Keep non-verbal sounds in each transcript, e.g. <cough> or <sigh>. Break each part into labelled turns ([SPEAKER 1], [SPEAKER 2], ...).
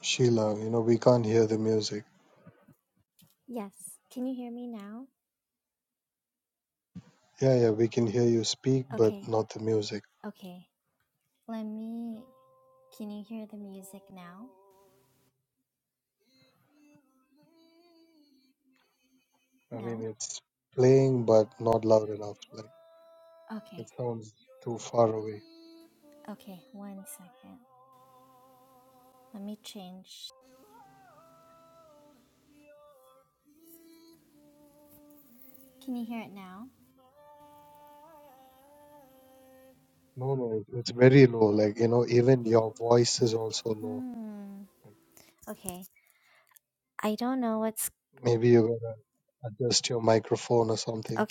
[SPEAKER 1] Sheila, you know, we can't hear the music. Yeah, yeah, we can hear you speak, but not the music. I mean, it's playing, but not loud enough. Like, it sounds too far away. No, no, it- it's very low. Like, you know, even your voice is also low. Like, maybe you gotta adjust your microphone or something.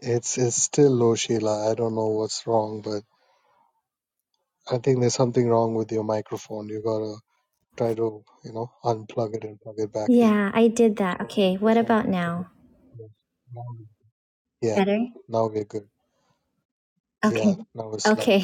[SPEAKER 1] It's it's still low, Sheila. I don't know what's wrong, but I think there's something wrong with your microphone. You gotta try to, you know, unplug it and plug it back in. Try to reconnect. Yes. Yeah, now we're good. Yeah, now it's loud.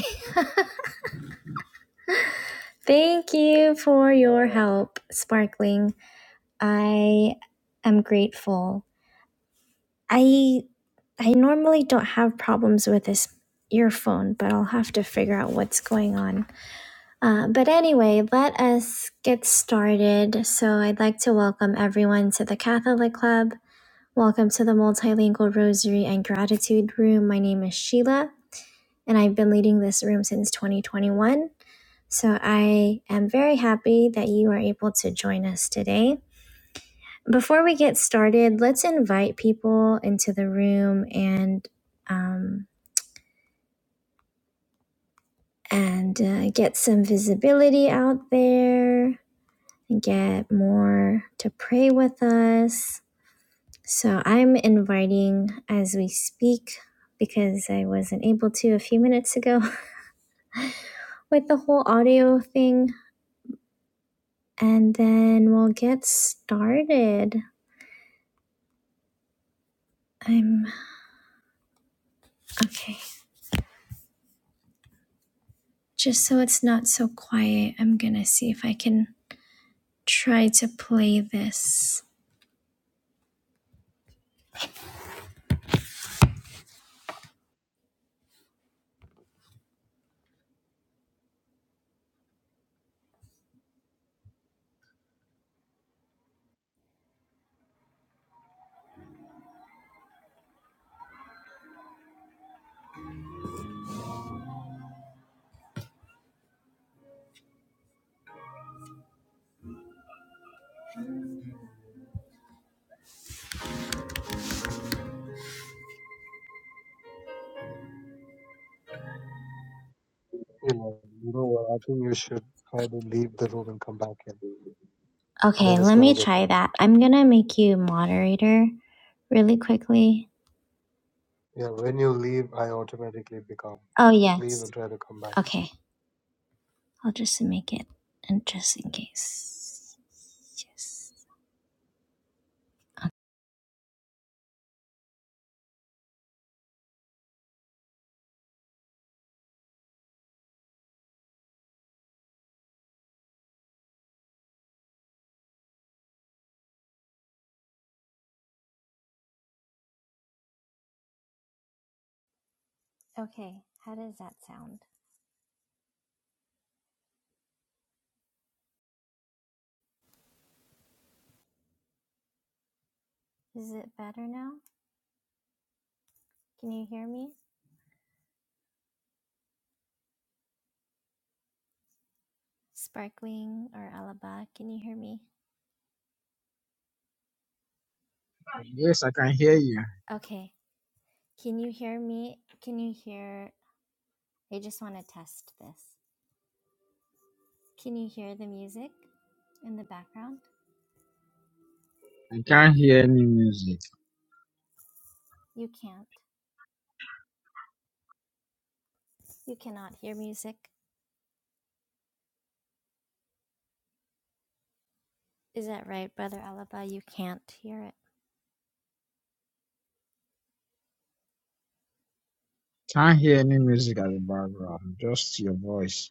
[SPEAKER 1] You know, you know what? I think you should try to leave the room and come back in. Then it's gonna get better. Yeah, when you leave, I automatically become leave and try to come back.
[SPEAKER 2] Yes, I can hear you. I can't hear any music. Can't hear any music at the background. Just your voice.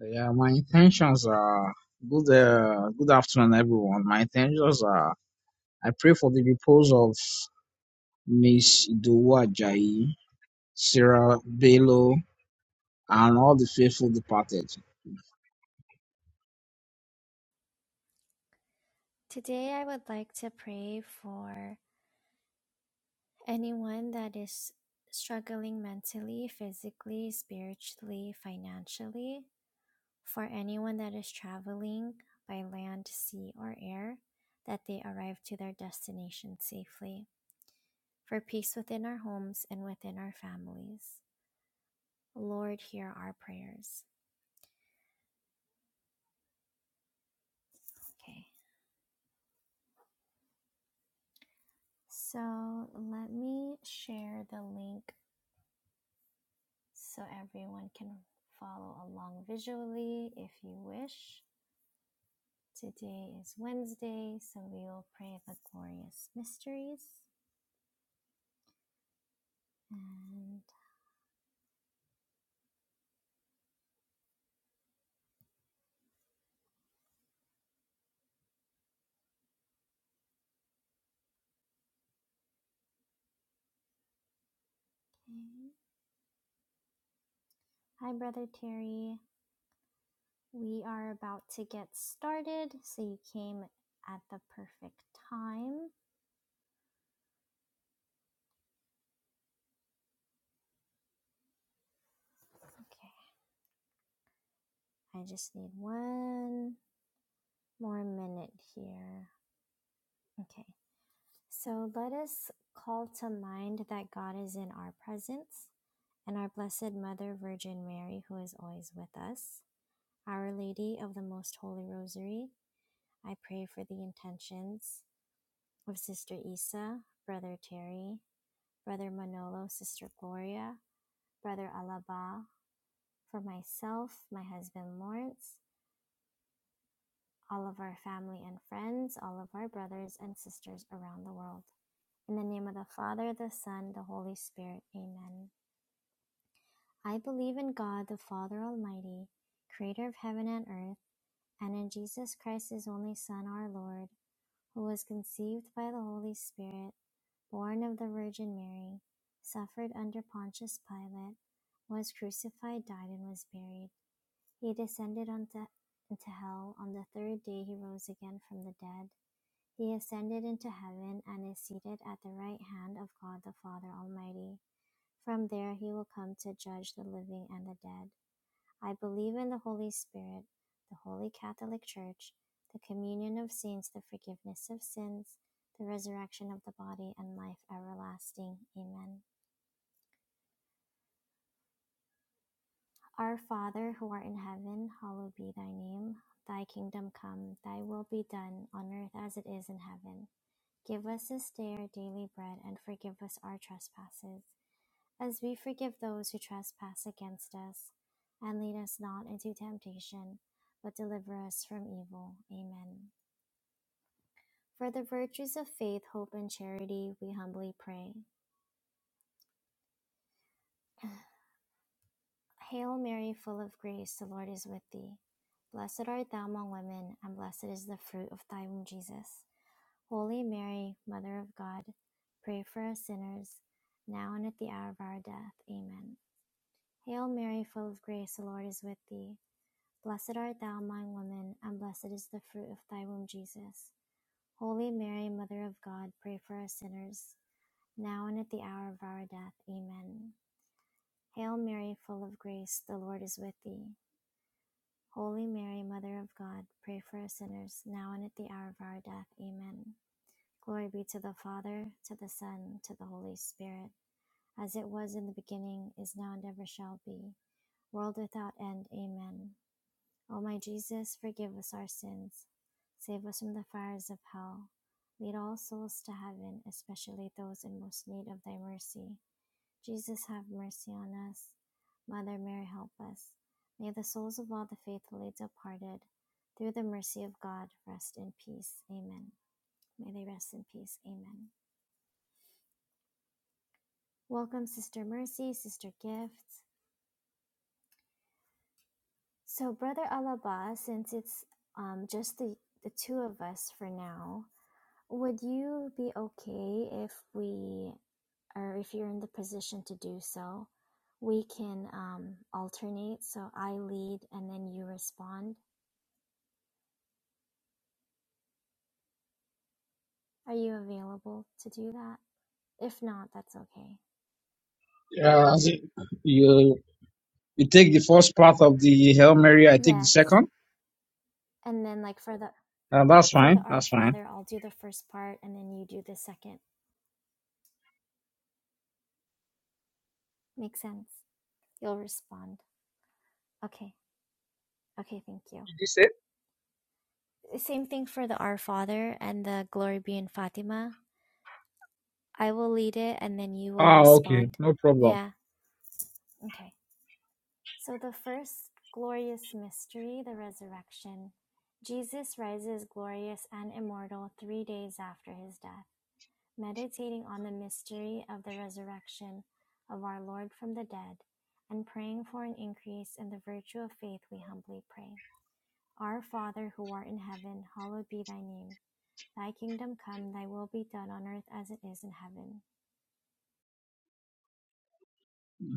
[SPEAKER 2] Yeah, my intentions are good. Uh, good afternoon, everyone. My intentions are I pray for the repose of Miss Idowu Ajayi, Sarah Bello, and all the faithful departed. Yeah, as it- you you take the first part of the Hail Mary. I take the second. Uh, that's fine. That's fine. Did you say? Ah, okay. No problem.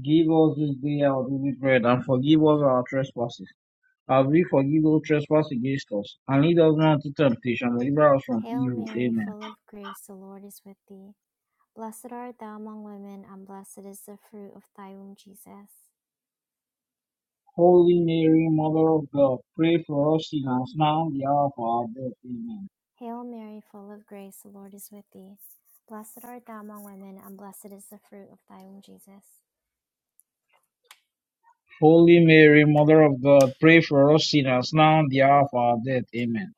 [SPEAKER 2] Give us this day our daily bread, and forgive us our trespasses, as we forgive those trespass against us. And lead us not into temptation, but deliver us from evil. Amen. Holy Mary, Mother of God, pray for us sinners now and the hour of our death. Amen. Holy Mary, Mother of God, pray for us sinners now and the hour of our death. Amen.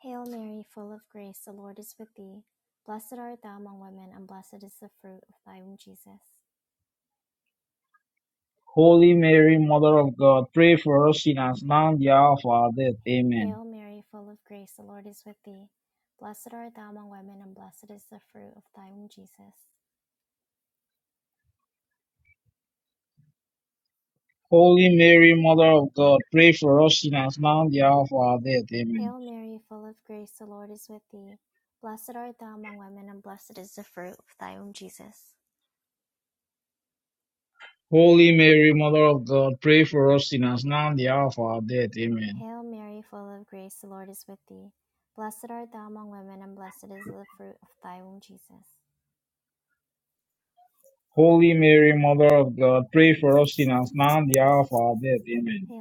[SPEAKER 2] Holy Mary, Mother of God, pray for us sinners now and the hour of our death. Amen. Holy Mary, Mother of God, pray for us sinners now and the hour of our death. Amen. Holy Mary, Mother of God, pray for us sinners now and the hour of our death. Amen. Holy Mary, Mother of God, pray for us sinners now and the hour of our death. Amen.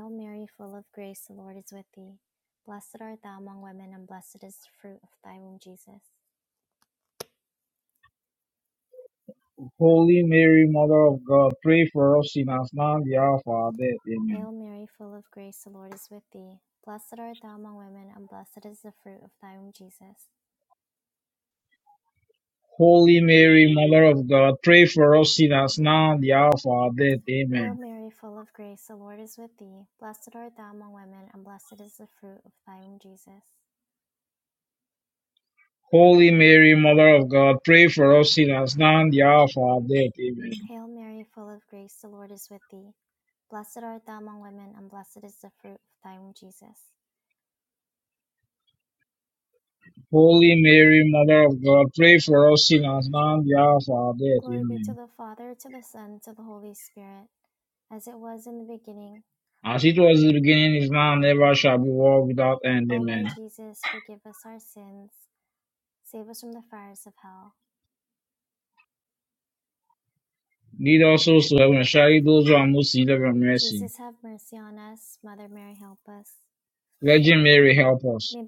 [SPEAKER 2] Holy Mary, Mother of God, pray for us sinners now and the hour of our death. Amen. Holy Mary, Mother of God, pray for us sinners now and the hour of our death. Amen. Holy Mary, Mother of God, pray for us sinners now and the hour of our death. Amen. Holy Mary, Mother of God, pray for us sinners now and the hour of our death. Amen. As it was in the beginning, is now, and ever shall be, world without end. Amen. Lead us also, to heaven, especially those who are most in need of your mercy. Virgin Mary, help us.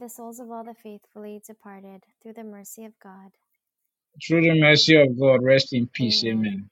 [SPEAKER 2] Through the mercy of God, rest in peace. Amen.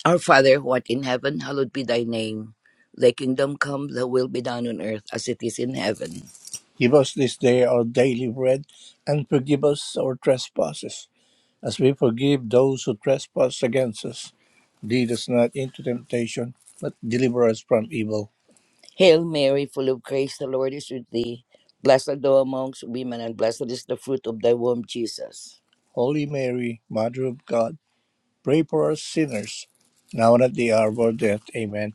[SPEAKER 3] Our Father who art in heaven, hallowed be thy name. Thy kingdom come, thy will be done on earth as it is in heaven. Give us this day our daily bread, and forgive us our trespasses, as we forgive those who trespass against us. Lead us not into temptation, but deliver us from evil. Hail Mary, full of grace, the Lord is with thee. Blessed art thou amongst women, and blessed is the fruit of thy womb, Jesus. Holy Mary, Mother of God, Pray for us sinners, now and at the hour of our death. Amen.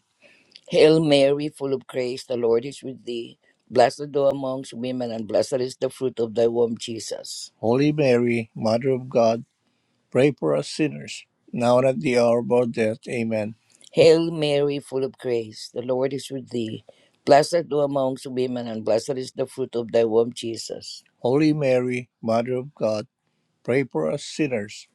[SPEAKER 3] Hail Mary, full of grace, the Lord is with thee. Blessed thou amongst women, and blessed is the fruit of thy womb, Jesus. Holy Mary, Mother of God, pray for us sinners, now and at the hour of our death. Amen. Hail Mary, full of grace, the Lord is with thee. Blessed thou amongst women, and blessed is the fruit of thy womb, Jesus. Holy Mary, Mother of God, Pray for us sinners,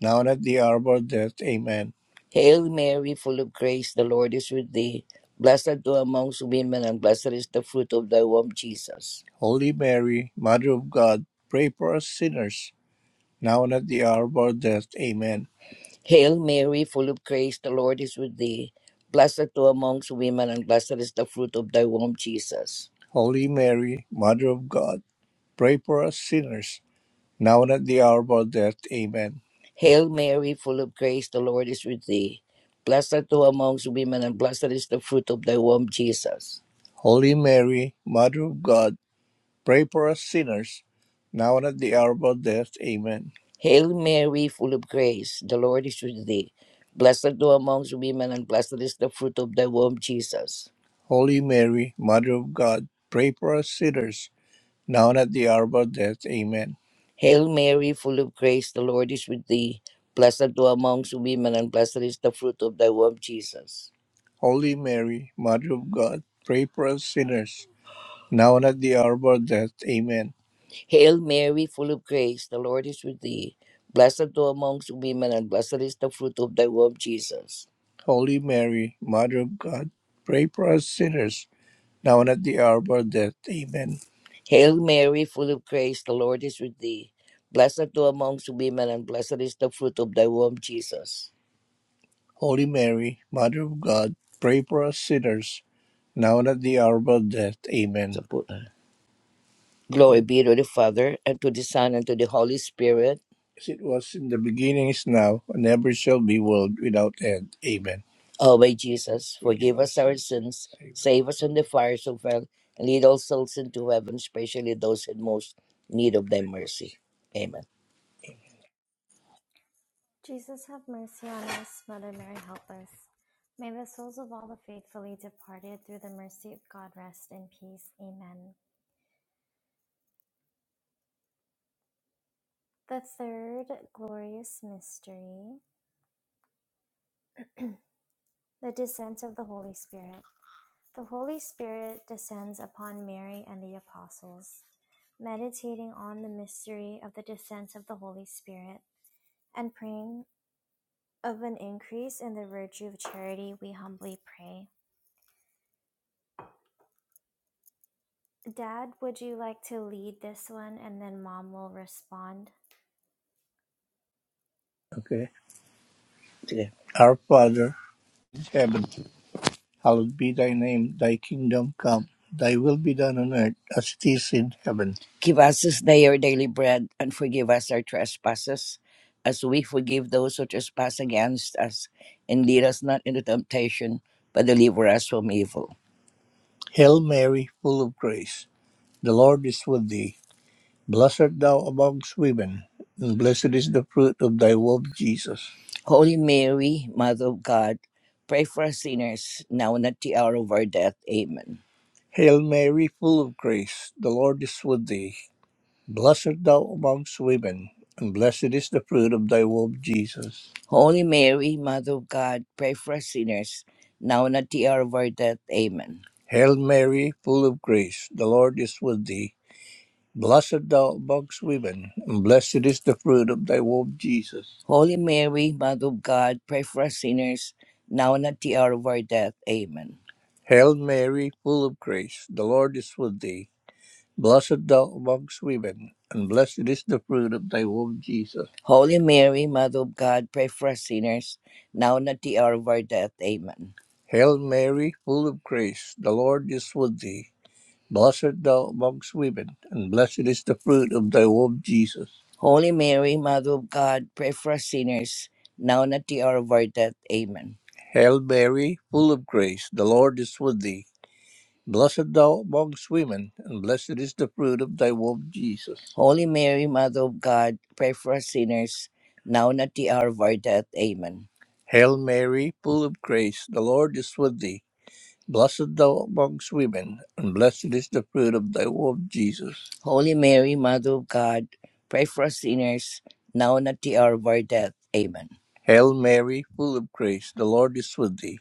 [SPEAKER 3] now and at the hour of our death. Amen. Hail Mary, full of grace, the Lord is with thee. Blessed art thou amongst women, and blessed is the fruit of thy womb, Jesus. Holy Mary, Mother of God, pray for us sinners, now and at the hour of our death. Amen. Hail Mary, full of grace, the Lord is with thee. Blessed art thou amongst women, and blessed is the fruit of thy womb, Jesus. Holy Mary, Mother of God, pray for us sinners, now and at the hour of our death. Amen. Hail Mary, full of grace, the Lord is with thee. Blessed art thou amongst women, and blessed is the fruit of thy womb, Jesus. Holy Mary, Mother of God, pray for us sinners, now and at the hour of our death. Amen. Hail Mary, full of grace, the Lord is with thee. Blessed art thou amongst women, and blessed is the fruit of thy womb, Jesus. Holy Mary, Mother of God, pray for us sinners, now and at the hour of our death. Amen. Hail Mary, full of grace, the Lord is with thee. Blessed art thou amongst women, and blessed is the fruit of thy womb, Jesus. Holy Mary, Mother of God, pray for us sinners, now and at the hour of our death. Amen. Hail Mary, full of grace, the Lord is with thee. Blessed art thou amongst women, and blessed is the fruit of thy womb, Jesus. Holy Mary, Mother of God, pray for us sinners, now and at the hour of our death. Amen. Hail Mary, full of grace, the Lord is with thee. Blessed art thou amongst women, and blessed is the fruit of thy womb, Jesus. Holy Mary, Mother of God, pray for us sinners, now and at the hour of our death. Amen. Sa po- Glory be to the Father, and to the Son, and to the Holy Spirit. As it was in the beginning, is now, and ever shall be, world without end. Amen. O my Jesus, Forgive us our sins, save us. save us from the fires of hell, and lead all souls into heaven, especially those in most need of thy mercy. Amen. Okay. Okay. Our Father, in heaven. Hallowed be thy name, thy kingdom come, thy will be done on earth as it is in heaven. Give us this day our daily bread, and forgive us our trespasses, as we forgive those who trespass against us. And lead us not into temptation, but deliver us from evil. Hail Mary, full of grace, the Lord is with thee. Blessed art thou amongst women, and blessed is the fruit of thy womb, Jesus. Holy Mary, Mother of God, pray for us sinners, now and at the hour of our death. Amen. Hail Mary, full of grace, the Lord is with thee. Blessed art thou amongst women, and blessed is the fruit of thy womb, Jesus. Holy Mary, Mother of God, pray for us sinners, now and at the hour of our death. Amen. Hail Mary, full of grace, the Lord is with thee. Blessed thou amongst women, and blessed is the fruit of thy womb, Jesus. Holy Mary, Mother of God, pray for us sinners, now and at the hour of our death. Amen. Hail Mary, full of grace, the Lord is with thee. Blessed thou amongst women, and blessed is the fruit of thy womb, Jesus. Holy Mary, Mother of God, pray for us sinners, now and at the hour of our death. Amen. Hail Mary, full of grace, the Lord is with thee. Blessed art thou amongst women, and blessed is the fruit of thy womb, Jesus. Holy Mary, Mother of God, pray for us sinners, now and at the hour of our death. Amen. Hail Mary, full of grace, the Lord is with thee. Blessed thou amongst women, and blessed is the fruit of thy womb, Jesus. Holy Mary, Mother of God, pray for us sinners, now and at the hour of our death. Amen. Hail Mary, full of grace, the Lord is with thee. Blessed thou amongst women, and blessed is the fruit of thy womb, Jesus. Holy Mary, Mother of God, pray for us sinners, now and at the hour of our death. Amen. Hail Mary, full of grace, the Lord is with thee.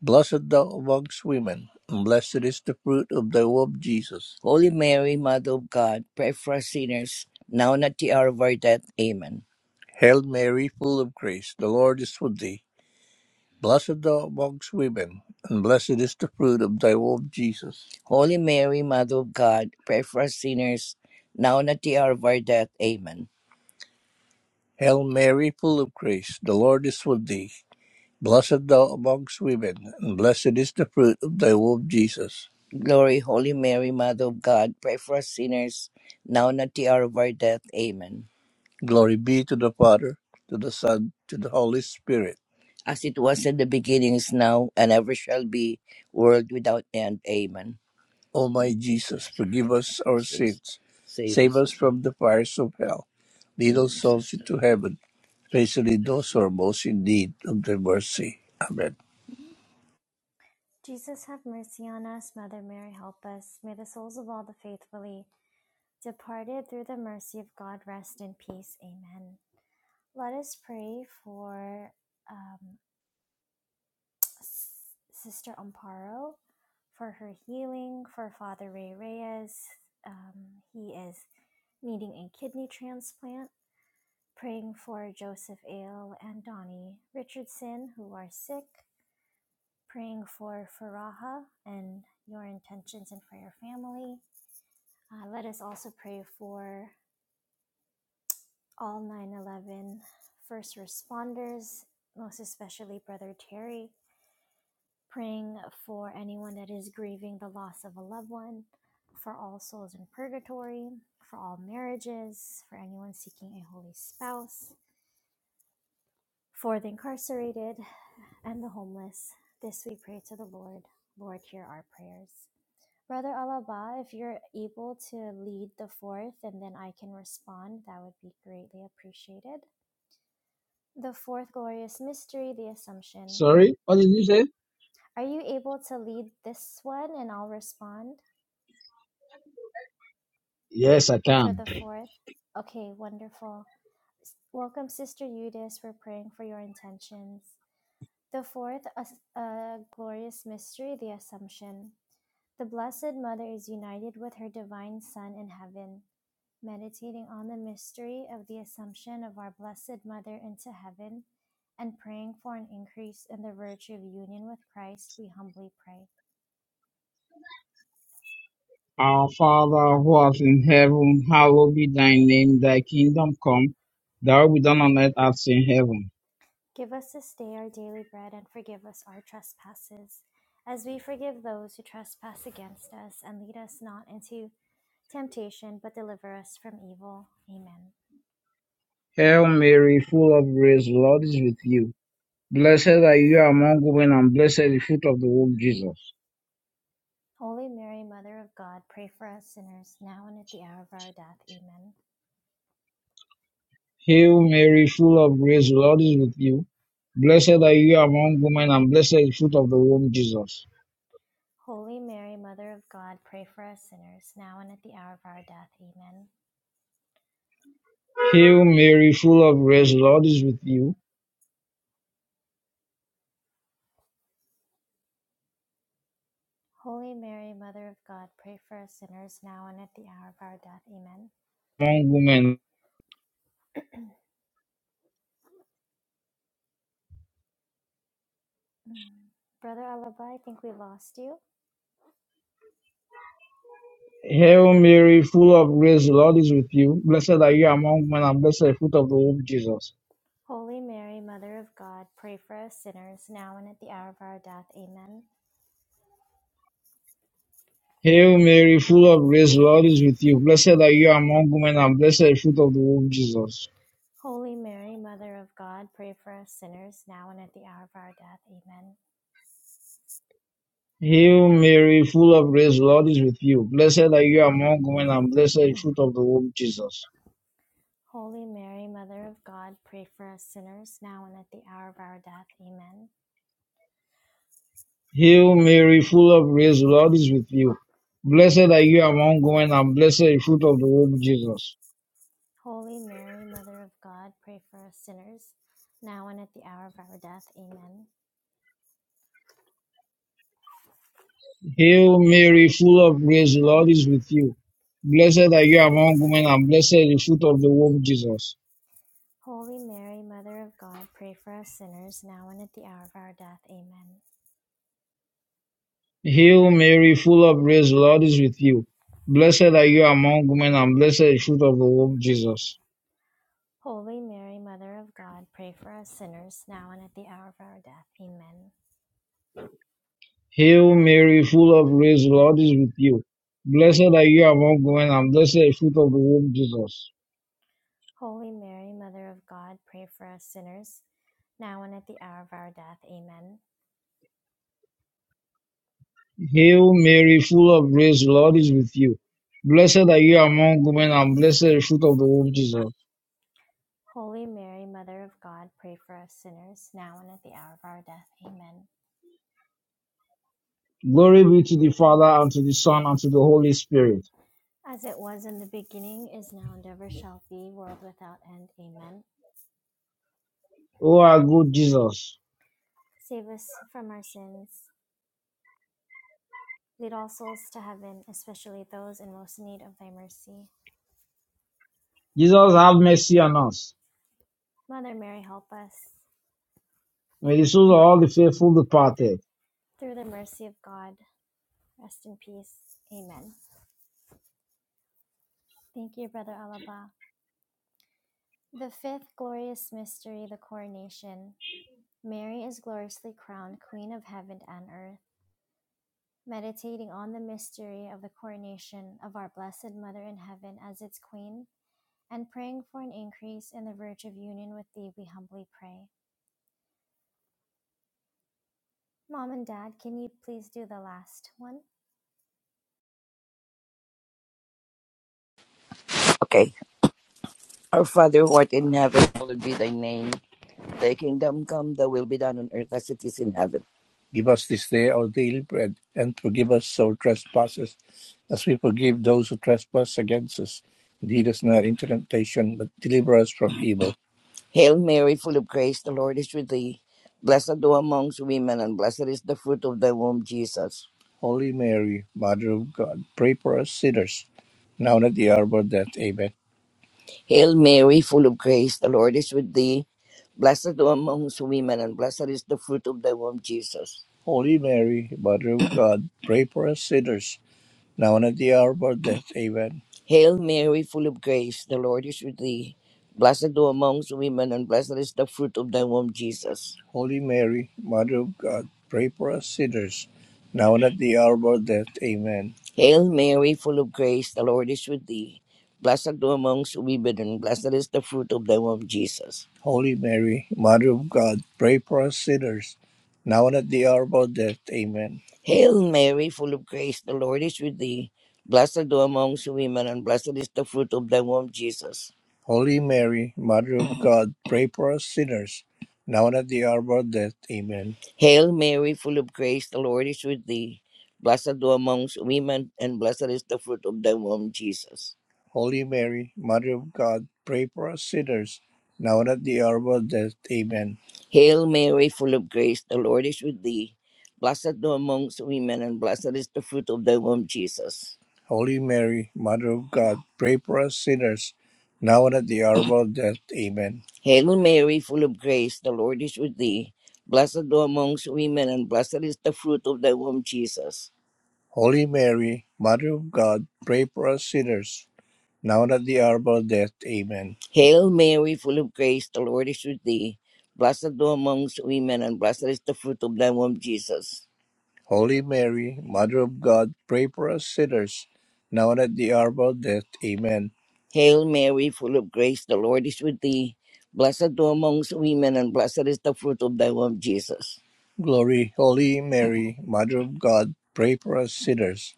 [SPEAKER 3] Blessed thou amongst women, and blessed is the fruit of thy womb, Jesus. Holy Mary, Mother of God, pray for us sinners, now and at the hour of our death. Amen. Hail Mary, full of grace, the Lord is with thee. Blessed are amongst women, and blessed is the fruit of thy womb, Jesus. Holy Mary, Mother of God, pray for us sinners, now and at the hour of our death. Amen. Hail Mary, full of grace, the Lord is with thee. Blessed thou amongst women, and blessed is the fruit of thy womb, Jesus. Glory, Holy Mary, Mother of God, pray for us sinners, now and at the hour of our death. Amen. Glory be to the Father, to the Son, to the Holy Spirit. as it was in the beginning, is now, and ever shall be, world without end. Amen. O my Jesus, forgive us our Jesus, sins. save Save us. us from the fires of hell. Lead us souls into heaven, especially those who are most in need of thy mercy. Amen.
[SPEAKER 2] Sorry, what did you say? Yes, I can. Our Father who art in heaven, hallowed be thy name. Thy kingdom come. Thy will be done on earth as in heaven. Hail Mary, full of grace, the Lord is with you. Blessed are you among women, and blessed is the fruit of the womb, Jesus. Hail Mary, full of grace, the Lord is with you. Blessed are you among women, and blessed is the fruit of the womb, Jesus. Hail Mary, full of grace, the Lord is with you. Among women, Hail Mary, full of grace, the Lord is with you. Blessed are you among women, and blessed is the fruit of the womb, Jesus. Hail Mary, full of grace, the Lord is with you. Blessed are you among women, and blessed is the fruit of the womb, Jesus. Hail Mary, full of grace, the Lord is with you. Blessed are you among women, and blessed is the fruit of the womb, Jesus. Hail Mary, full of grace, the Lord is with you. Blessed are you among women, and blessed is the fruit of the womb, Jesus. Hail Mary, full of grace, the Lord is with you. Blessed are you among women, and blessed is the fruit of the womb, Jesus. Hail Mary, full of grace, the Lord is with you. Blessed are you among women, and blessed is the fruit of the womb, Jesus. Hail Mary, full of grace, the Lord is with you. Blessed are you among women, and blessed is the fruit of the womb, Jesus. Hail Mary, full of grace, the Lord is with you. Blessed are you among women, and blessed is the fruit of the womb, Jesus. Glory be to the Father, and to the Son, and to the Holy Spirit. O our good Jesus. Jesus, have mercy on us. May the souls of all the faithful departed,
[SPEAKER 3] Okay. Our Father who art in heaven, hallowed be thy name. Thy kingdom come, thy will be done on earth as it is in heaven. Give us this day our daily bread, and forgive us our trespasses, as we forgive those who trespass against us. Lead us not into temptation, but deliver us from evil. Hail Mary, full of grace, the Lord is with thee. Blessed thou amongst women, and blessed is the fruit of thy womb, Jesus. Holy Mary, Mother of God, pray for us sinners, now and at the hour of our death. Amen. Hail Mary, full of grace, the Lord is with thee. Blessed are amongst women, and blessed is the fruit of thy womb, Jesus. Holy Mary, Mother of God, pray for us sinners now and at the hour of our death. Amen. Hail Mary, full of grace, the Lord is with thee. Blessed thou amongst women, and blessed is the fruit of thy womb, Jesus. Holy Mary, Mother of God, pray for us sinners, now and at the hour of our death. Amen. Hail Mary, full of grace, the Lord is with thee. Blessed thou amongst women, and blessed is the fruit of thy womb, Jesus. Holy Mary, Mother of God, pray for us sinners, now and at the hour of our death. Amen. Hail Mary, full of grace, the Lord is with thee. Blessed art thou amongst women, and blessed is the fruit of thy womb, Jesus. Holy Mary, Mother of God, pray for us sinners, now and at the hour of our death. Amen. Hail Mary, full of grace, the Lord is with thee. Blessed art thou amongst women, and blessed is the fruit of thy womb, Jesus. Holy Mary, Mother of God, pray for us sinners, now and at the hour of our death. Amen. Hail Mary, full of grace, the Lord is with thee. Blessed are amongst women, and blessed is the fruit of thy womb, Jesus. Holy Mary, Mother of God, pray for us sinners, now and at the hour of our death. Amen. Hail Mary, full of grace, the Lord is with thee. Blessed thou amongst women, and blessed is the fruit of thy womb, Jesus. Holy Mary, Mother of God, pray for us sinners, now and at the hour of our death. Amen. Hail Mary, full of grace, the Lord is with thee. Blessed thou amongst women, and blessed is the fruit of thy womb, Jesus. Holy Mary, Mother of God, pray for us sinners, now and at the hour of our death. Amen. Hail Mary, full of grace, the Lord is with thee. Blessed thou amongst women, and blessed is the fruit of thy womb, Jesus. Glory, Holy Mary, Mother of God, pray for us sinners,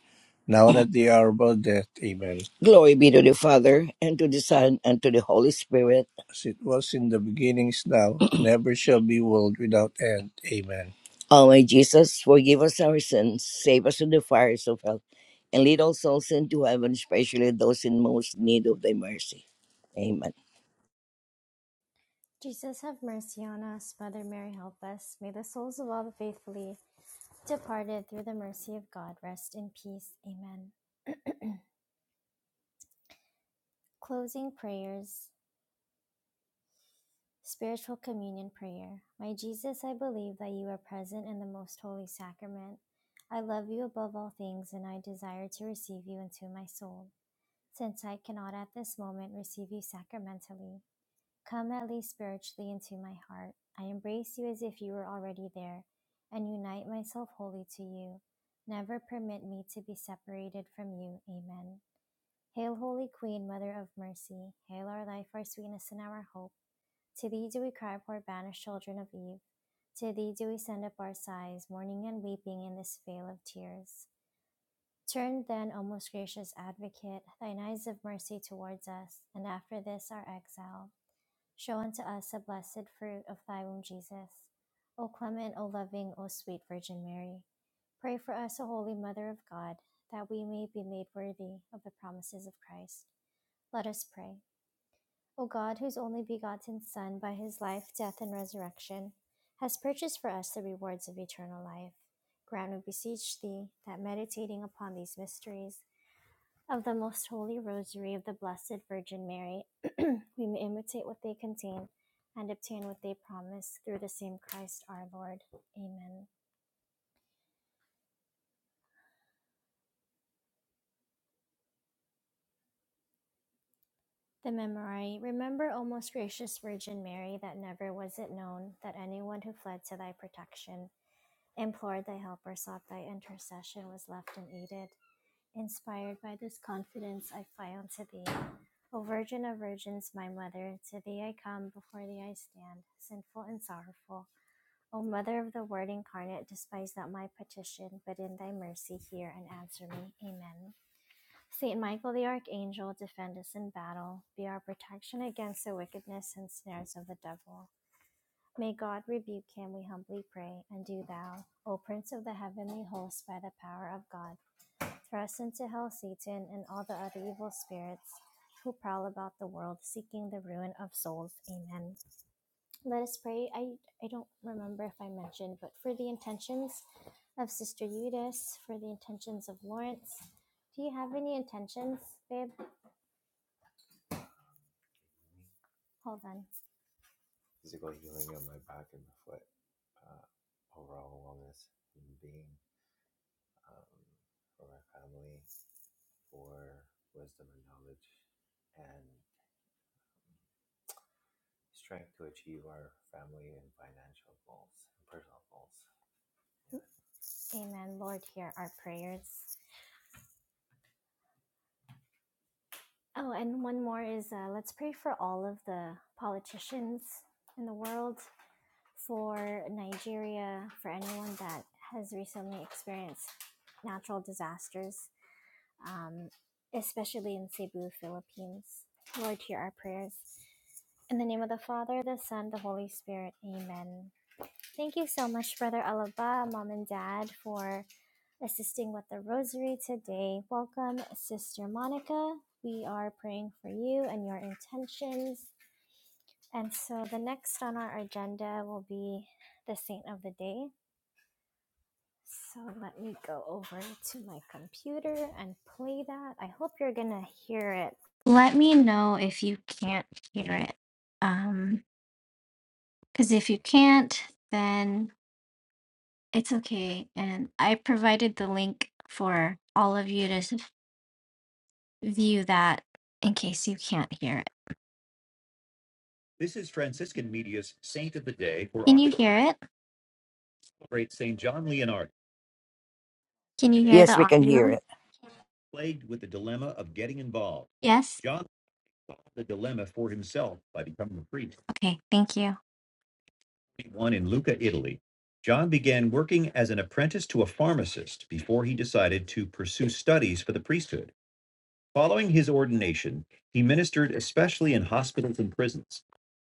[SPEAKER 3] now and at the hour of our death. Amen. Glory be to the Father, and to the Son, and to the Holy Spirit. As it was in the beginnings now, and ever shall be world without end. Amen. O my Jesus, forgive us our sins, save us from the fires of hell, and lead all souls into heaven, especially those in most need of thy mercy. Amen.
[SPEAKER 4] This is Franciscan Media's Saint of the Day for great Saint John Leonard,
[SPEAKER 3] Yes, we can hear it.
[SPEAKER 4] plagued with the dilemma of getting involved. John solved the dilemma for himself by becoming a priest. One in Lucca, Italy. John began working as an apprentice to a pharmacist before he decided to pursue studies for the priesthood. Following his ordination, he ministered especially in hospitals and prisons.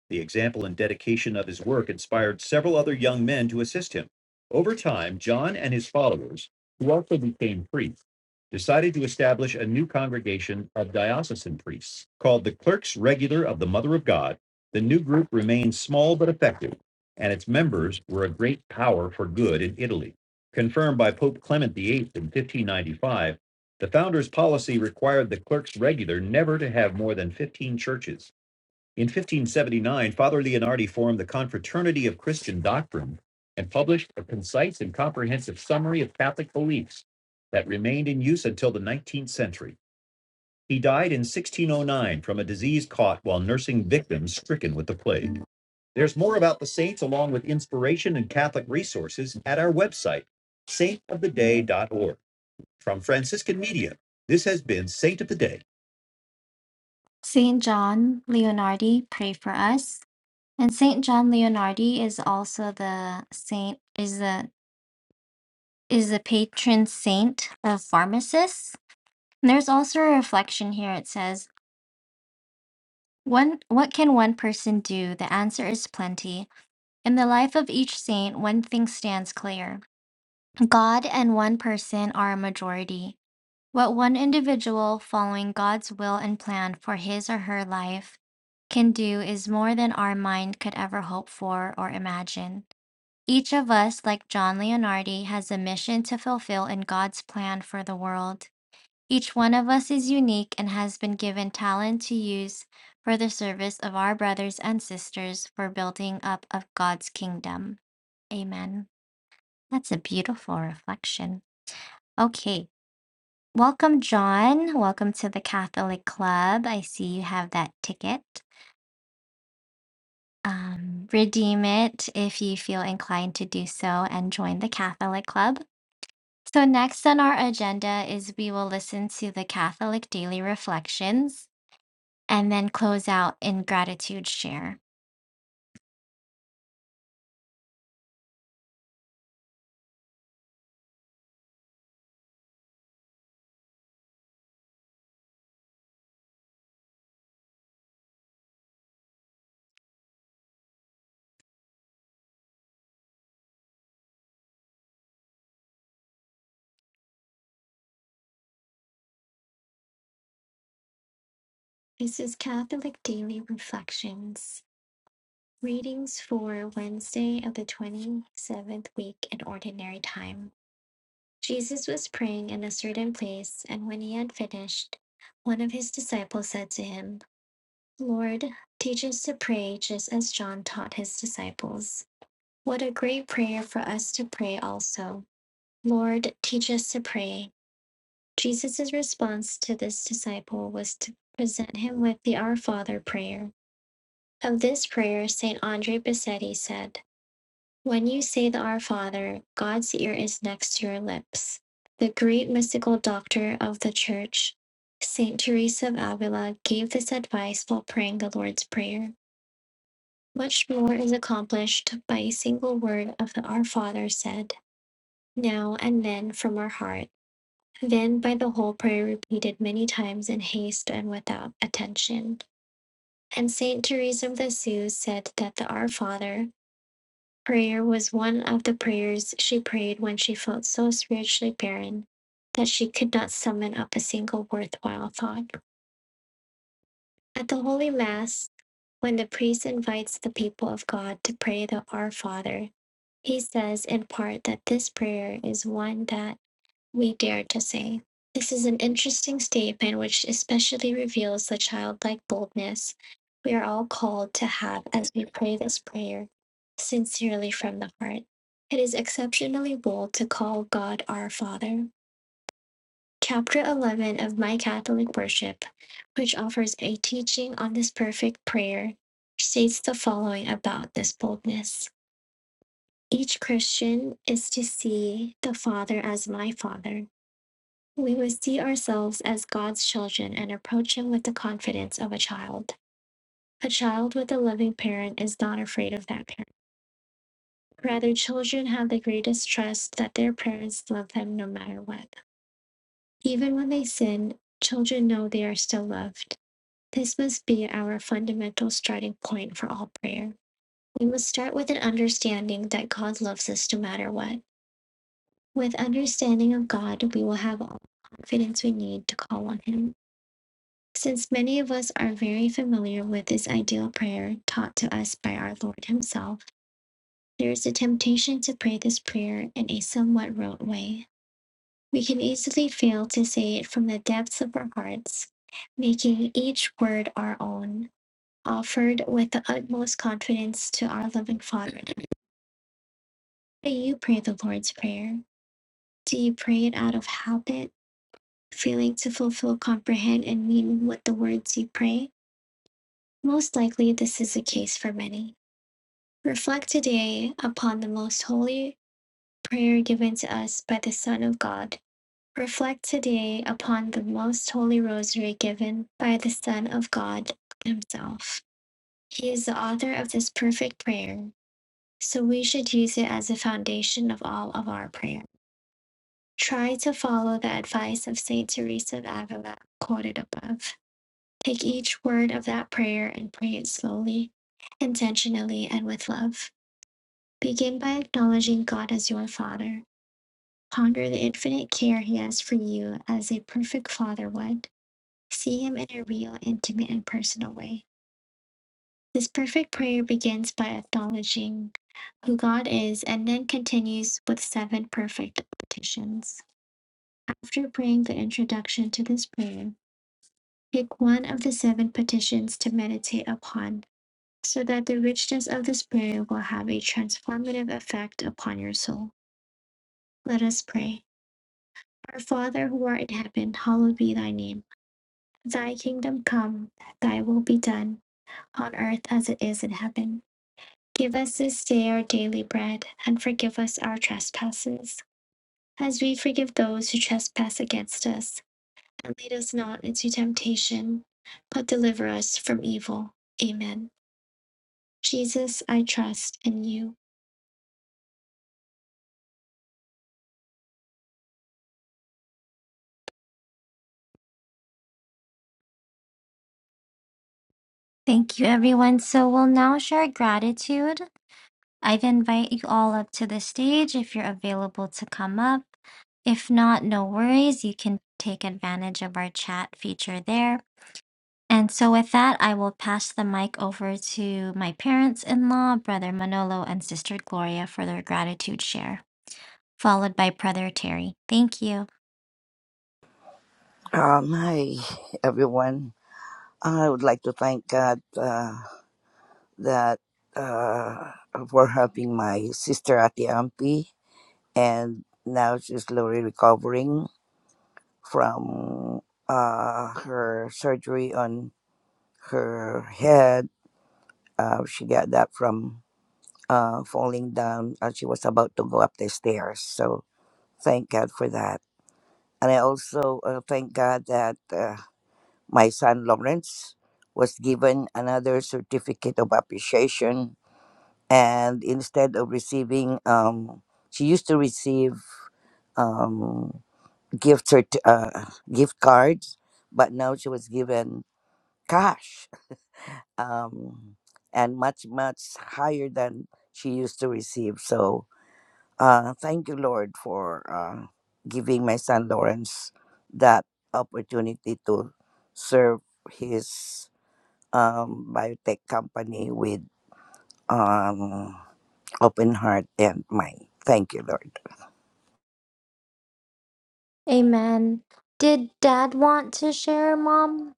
[SPEAKER 4] The example and dedication of his work inspired several other young men to assist him. Over time, John and his followers, who also became priests, decided to establish a new congregation of diocesan priests called the Clerks Regular of the Mother of God. The new group remained small but effective, and its members were a great power for good in Italy. Confirmed by Pope Clement VIII in 1595, the founder's policy required the clerks regular never to have more than 15 churches. In 1579, Father Leonardi formed the Confraternity of Christian Doctrine and published a concise and comprehensive summary of Catholic beliefs that remained in use until the 19th century. He died in 1609 from a disease caught while nursing victims stricken with the plague. There's more about the saints along with inspiration and Catholic resources at our website, saintoftheday.org. From Franciscan Media, this has been Saint of the Day. Saint John Leonardi, pray for us. And Saint John Leonardi is also the saint is the is the patron saint of pharmacists. And there's also a reflection here. It says, "One, what can one person do? The answer is plenty. In the life of each saint, one thing stands clear: God and one person are a majority. What one individual, following God's will and plan for his or her life, can do is more than our mind could ever hope for or imagine." Each of us, like John Leonardi, has a mission to fulfill in God's plan for the world. Each one of us is unique and has been given talent to use for the service of our brothers and sisters for building up of God's kingdom. Amen. That's a beautiful reflection. Okay. Welcome, John. Welcome to the Catholic Club. I see you have that ticket. Um, redeem it if you feel inclined to do so and join the Catholic Club. So, next on our agenda is we will listen to the Catholic Daily Reflections and then close out in gratitude share. This is Catholic Daily Reflections. Readings for Wednesday of the 27th week in Ordinary Time. Jesus was praying in a certain place, and when he had finished, one of his disciples said to him, Lord, teach us to pray just as John taught his disciples. What a great prayer for us to pray also. Lord, teach us to pray. Jesus' response to this disciple was to present him with the Our Father prayer. Of this prayer, St. Andre Bassetti said, When you say the Our Father, God's ear is next to your lips. The great mystical doctor of the Church, St. Teresa of Avila, gave this advice while praying the Lord's Prayer. Much more is accomplished by a single word of the Our Father said, now and then from our heart. Then by the whole prayer repeated many times in haste and without attention. And Saint Therese of Lisieux said that the Our Father prayer was one of the prayers she prayed when she felt so spiritually barren that she could not summon up a single worthwhile thought. At the Holy Mass, when the priest invites the people of God to pray the Our Father, he says in part that this prayer is one that we dare to say. This is an interesting statement which especially reveals the childlike boldness we are all called to have as we pray this prayer sincerely from the heart. It is exceptionally bold to call God our Father. Chapter 11 of My Catholic Worship, which offers a teaching on this perfect prayer, states the following about this boldness. Each Christian is to see the Father as my Father we must see ourselves as God's children and approach Him with the confidence of a child. A child with a loving parent is not afraid of that parent. Rather, children have the greatest trust that their parents love them no matter what. Even when they sin, children know they are still loved. This must be our fundamental starting point for all prayer. We must start with an understanding that God loves us no matter what. With understanding of God, we will have all the confidence we need to call on Him. Since many of us are very familiar with this ideal prayer taught to us by our Lord Himself, there is a temptation to pray this prayer in a somewhat rote way. We can easily fail to say it from the depths of our hearts, making each word our own, offered with the utmost confidence to our loving Father. How do you pray the Lord's Prayer? Do you pray it out of habit, failing to fulfill, comprehend, and mean what the words you pray? Most likely, this is the case for many. Reflect today upon the most holy prayer given to us by the Son of God. Reflect today upon the most holy rosary given by the Son of God Himself. He is the author of this perfect prayer, so we should use it as a foundation of all of our prayer. Try to follow the advice of Saint Teresa of Avila, quoted above. Take each word of that prayer and pray it slowly, intentionally, and with love. Begin by acknowledging God as your Father. Ponder the infinite care He has for you as a perfect Father would. See Him in a real, intimate, and personal way. This perfect prayer begins by acknowledging who God is and then continues with seven perfect petitions. After praying the introduction to this prayer, pick one of the seven petitions to meditate upon so that the richness of this prayer will have a transformative effect upon your soul. Let us pray. Our Father who art in heaven, hallowed be thy name. Thy kingdom come, thy will be done, on earth as it is in heaven. Give us this day our daily bread, and forgive us our trespasses, as we forgive those who trespass against us. And lead us not into temptation, but deliver us from evil. Amen. Jesus, I trust in you. Thank I if chat feature. And so with that, I will pass the mic over to my parents-in-law, Brother Manolo, and Sister Gloria for their gratitude share, followed by Brother Terry. Thank you.
[SPEAKER 3] Um, hi, everyone. I would like to thank God uh, that uh, for helping my sister Ati Ampi, and now she's slowly recovering from uh, her surgery on her head. Uh, she got that from uh, falling down as she was about to go up the stairs. So thank God for that. And I also uh, thank God that uh, my son Lawrence was given another certificate of appreciation. And instead of receiving, um, she used to receive um, gift cert- uh, gift cards, but now she was given cash um, and much much higher than she used to receive. So Uh, thank you, Lord, for uh, giving my son Lawrence that opportunity to serve his um, biotech company with um, open heart and mind. Thank you, Lord.
[SPEAKER 4] Amen. Did Dad want to share, Mom?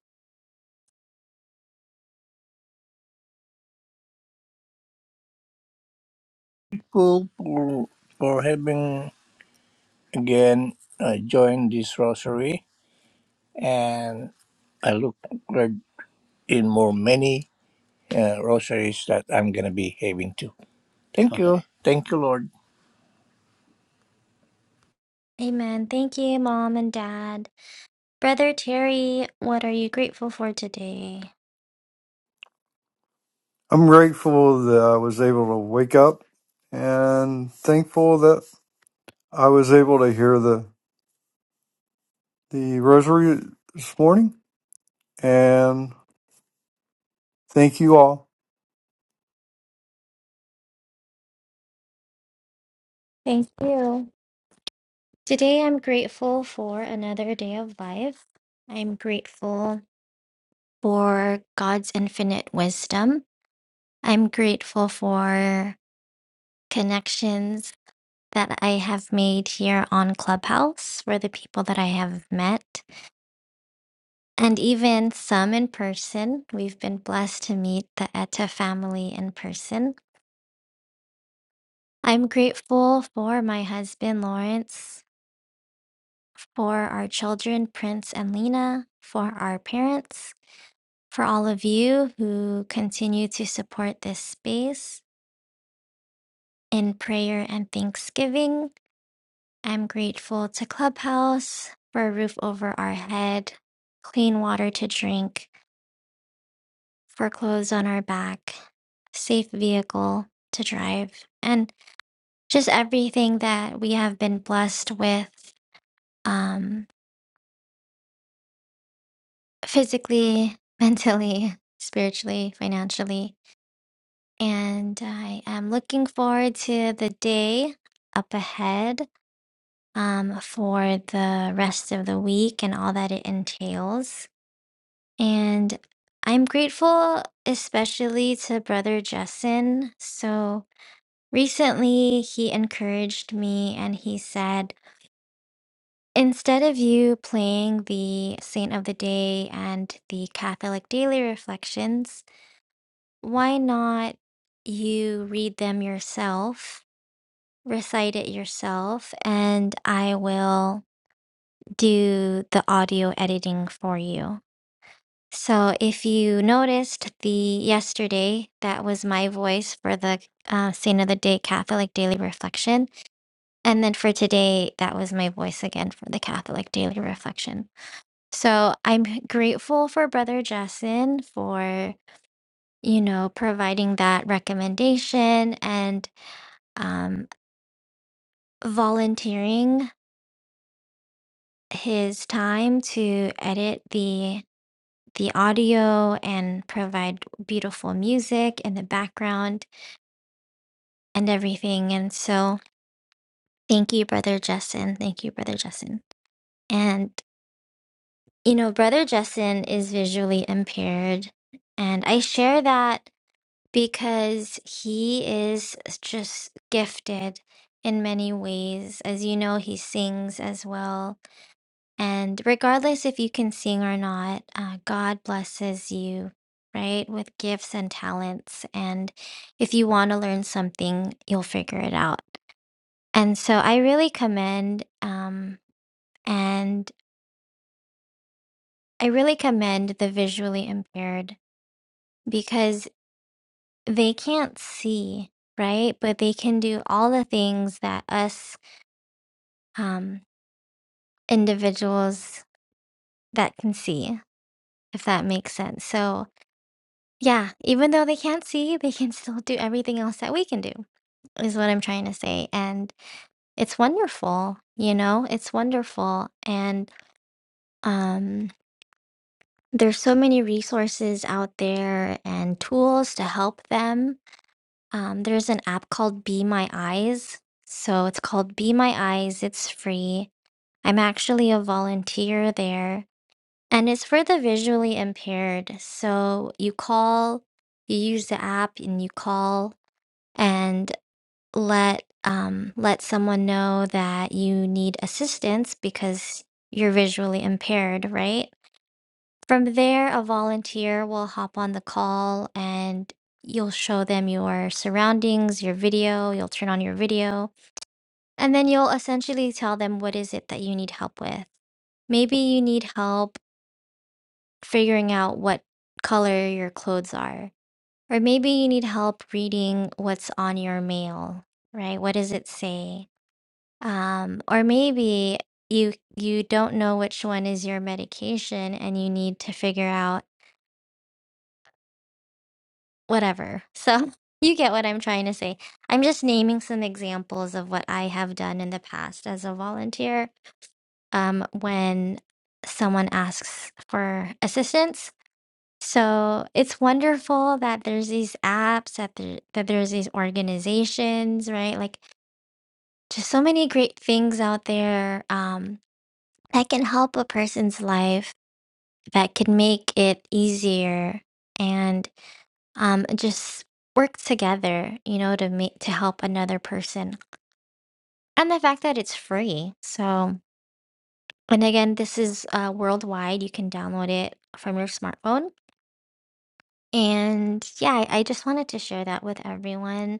[SPEAKER 3] Grateful for, for having again uh, joined this rosary, and I look forward in more many uh, rosaries that I'm gonna be having too. Thank you, thank you, Lord.
[SPEAKER 4] Amen. Thank you, Mom and Dad. Brother Terry, what are you grateful for today?
[SPEAKER 5] I'm grateful that I was able to wake up and thankful that I was able to hear the, the rosary this morning. And thank you all.
[SPEAKER 4] Thank you. Today, I'm grateful for another day of life. I'm grateful for God's infinite wisdom. I'm grateful for connections that I have made here on Clubhouse for the people that I have met, and even some in person. We've been blessed to meet the Etta family in person. I'm grateful for my husband, Lawrence, for our children, Prince and Lena, for our parents, for all of you who continue to support this space in prayer and thanksgiving. I'm grateful to Clubhouse for a roof over our head, clean water to drink, for clothes on our back, safe vehicle to drive, and just everything that we have been blessed with um, physically, <laughs> mentally, spiritually, financially. And I am looking forward to the day up ahead um, for the rest of the week and all that it entails. And I'm grateful, especially to Brother Justin. So recently, he encouraged me and he said, instead of you playing the Saint of the Day and the Catholic Daily Reflections, why not you read them yourself, recite it yourself, and I will do the audio editing for you? So if you noticed the yesterday, that was my voice for the uh, Saint of the Day Catholic Daily Reflection. And then for today, that was my voice again for the Catholic Daily Reflection. So I'm grateful for Brother Jason for, you know, providing that recommendation and because they can't see, right? But they can do all the things that us um, individuals that can see. if that makes sense. So, yeah, even though they can't see, they can still do everything else that we can do, is what I'm trying to say. And it's wonderful, you know, it's wonderful. And um, there's so many resources out there and tools to help them. Um, there's an app called Be My Eyes. So it's called Be My Eyes, it's free. I'm actually a volunteer there And it's for the visually impaired. So you call, you use the app and you call and let um, let someone know that you need assistance because you're visually impaired, right? From there, a volunteer will hop on the call and you'll show them your surroundings, your video, you'll turn on your video, and then you'll essentially tell them what is it that you need help with. Maybe you need help figuring out what color your clothes are. Or maybe you need help reading what's on your mail, right? What does it say? So, And yeah, I, I just wanted to share that with everyone.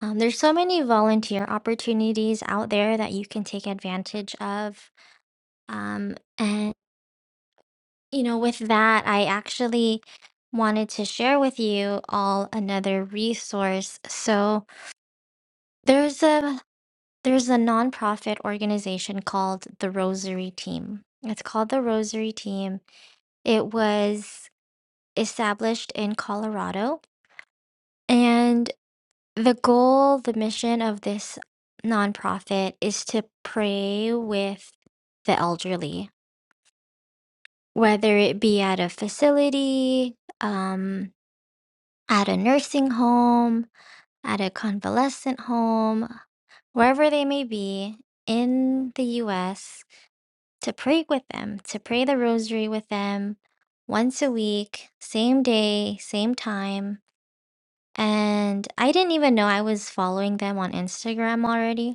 [SPEAKER 4] Um, there's so many volunteer opportunities out there that you can take advantage of. Um, and, you know, with that, I actually wanted to share with you all another resource. So there's a there's a nonprofit organization called the Rosary Team. It's called the Rosary Team. It was established in Colorado. And The goal, the mission of this nonprofit is to pray with the elderly, whether it be at a facility, um, at a nursing home, at a convalescent home, wherever they may be in the US, to pray with them, to pray the rosary with them once a week, same day, same time. And I didn't even know I was following them on Instagram already.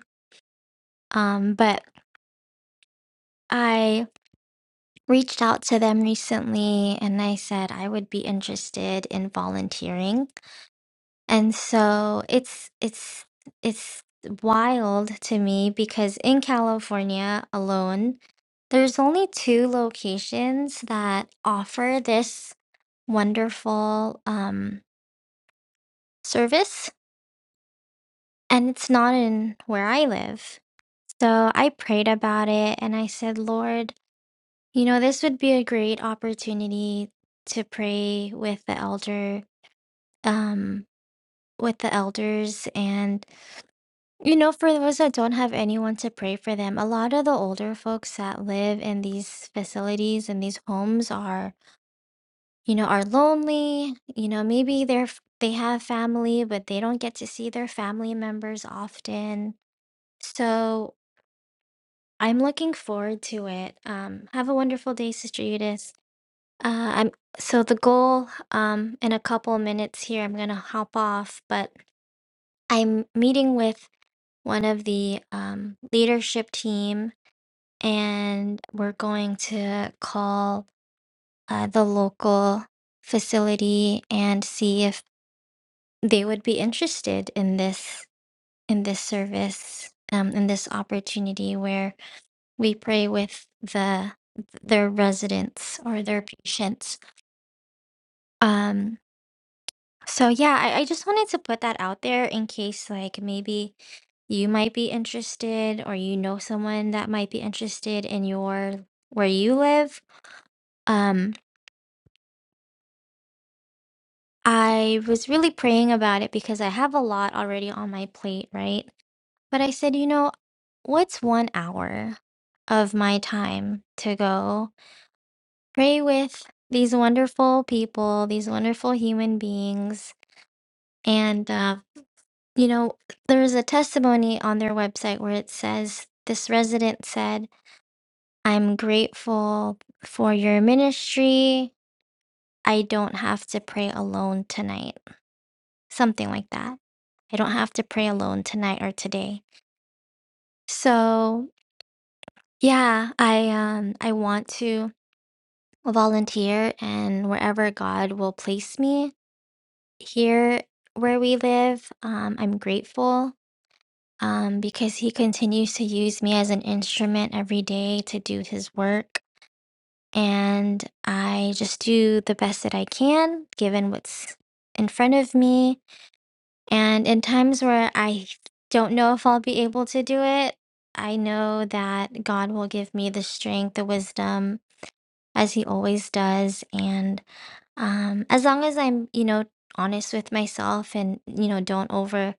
[SPEAKER 4] Um, but I reached out to them recently and I said I would be interested in volunteering. And so it's it's it's wild to me because in California alone, there's only two locations that offer this wonderful um, service, and it's not in where I live. So I prayed about it and I said, Lord, You know, this would be a great opportunity to pray with the elder, um, with the elders. And, you know, for those that don't have anyone to pray for them, a lot of the older folks that live in these facilities and these homes are, you know, are lonely. You know, maybe they're, f- they have family, but they don't get to see their family members often. So I'm looking forward to it. Um, have a wonderful day, Sister Judith. Uh, I'm so the goal um in a couple of minutes here I'm going to hop off, but I'm meeting with one of the um leadership team and we're going to call uh, the local facility and see if they would be interested in this in this service um in this opportunity where we pray with the their residents or their patients. Um So yeah, I, I just wanted to put that out there in case like maybe you might be interested or you know someone that might be interested in your where you live. Um, I was really praying about it because I have a lot already on my plate, right? But I said, you know, what's one hour of my time to go pray with these wonderful people, these wonderful human beings, and uh You know, there's a testimony on their website where it says, this resident said, "I'm grateful for your ministry. I don't have to pray alone tonight." Something like that. "I don't have to pray alone tonight or today." So, yeah, I, um, I want to volunteer and wherever God will place me. Here where we live, um, I'm grateful um, because he continues to use me as an instrument every day to do his work. And I just do the best that I can, given what's in front of me. And in times where I don't know if I'll be able to do it, I know that God will give me the strength, the wisdom, as He always does. And um as long as i'm you know honest with myself and you know don't over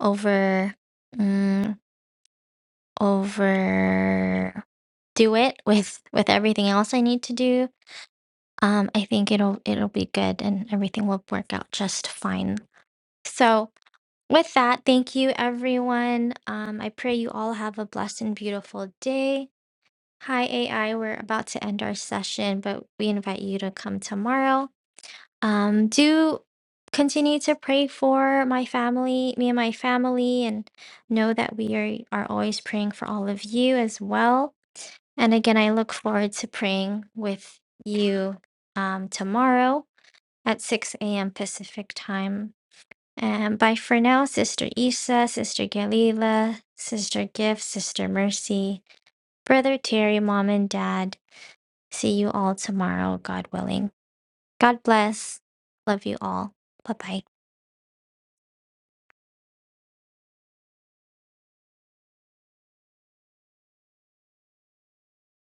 [SPEAKER 4] over mm, overdo it with with everything else I need to do, um, I think it'll it'll be good and everything will work out just fine. So with that, thank you everyone. Um, I pray you all have a blessed and beautiful day. Hi AI, we're about to end our session, but we invite you to come tomorrow. Um, do continue to pray for my family, me and my family, and know that we are, are always praying for all of you as well. And again, I look forward to praying with you um, tomorrow at 6 a.m. Pacific time. And bye for now, Sister Isa, Sister Galila, Sister Gift, Sister Mercy, Brother Terry, Mom and Dad. See you all tomorrow, God willing. God bless. Love you all. Bye bye.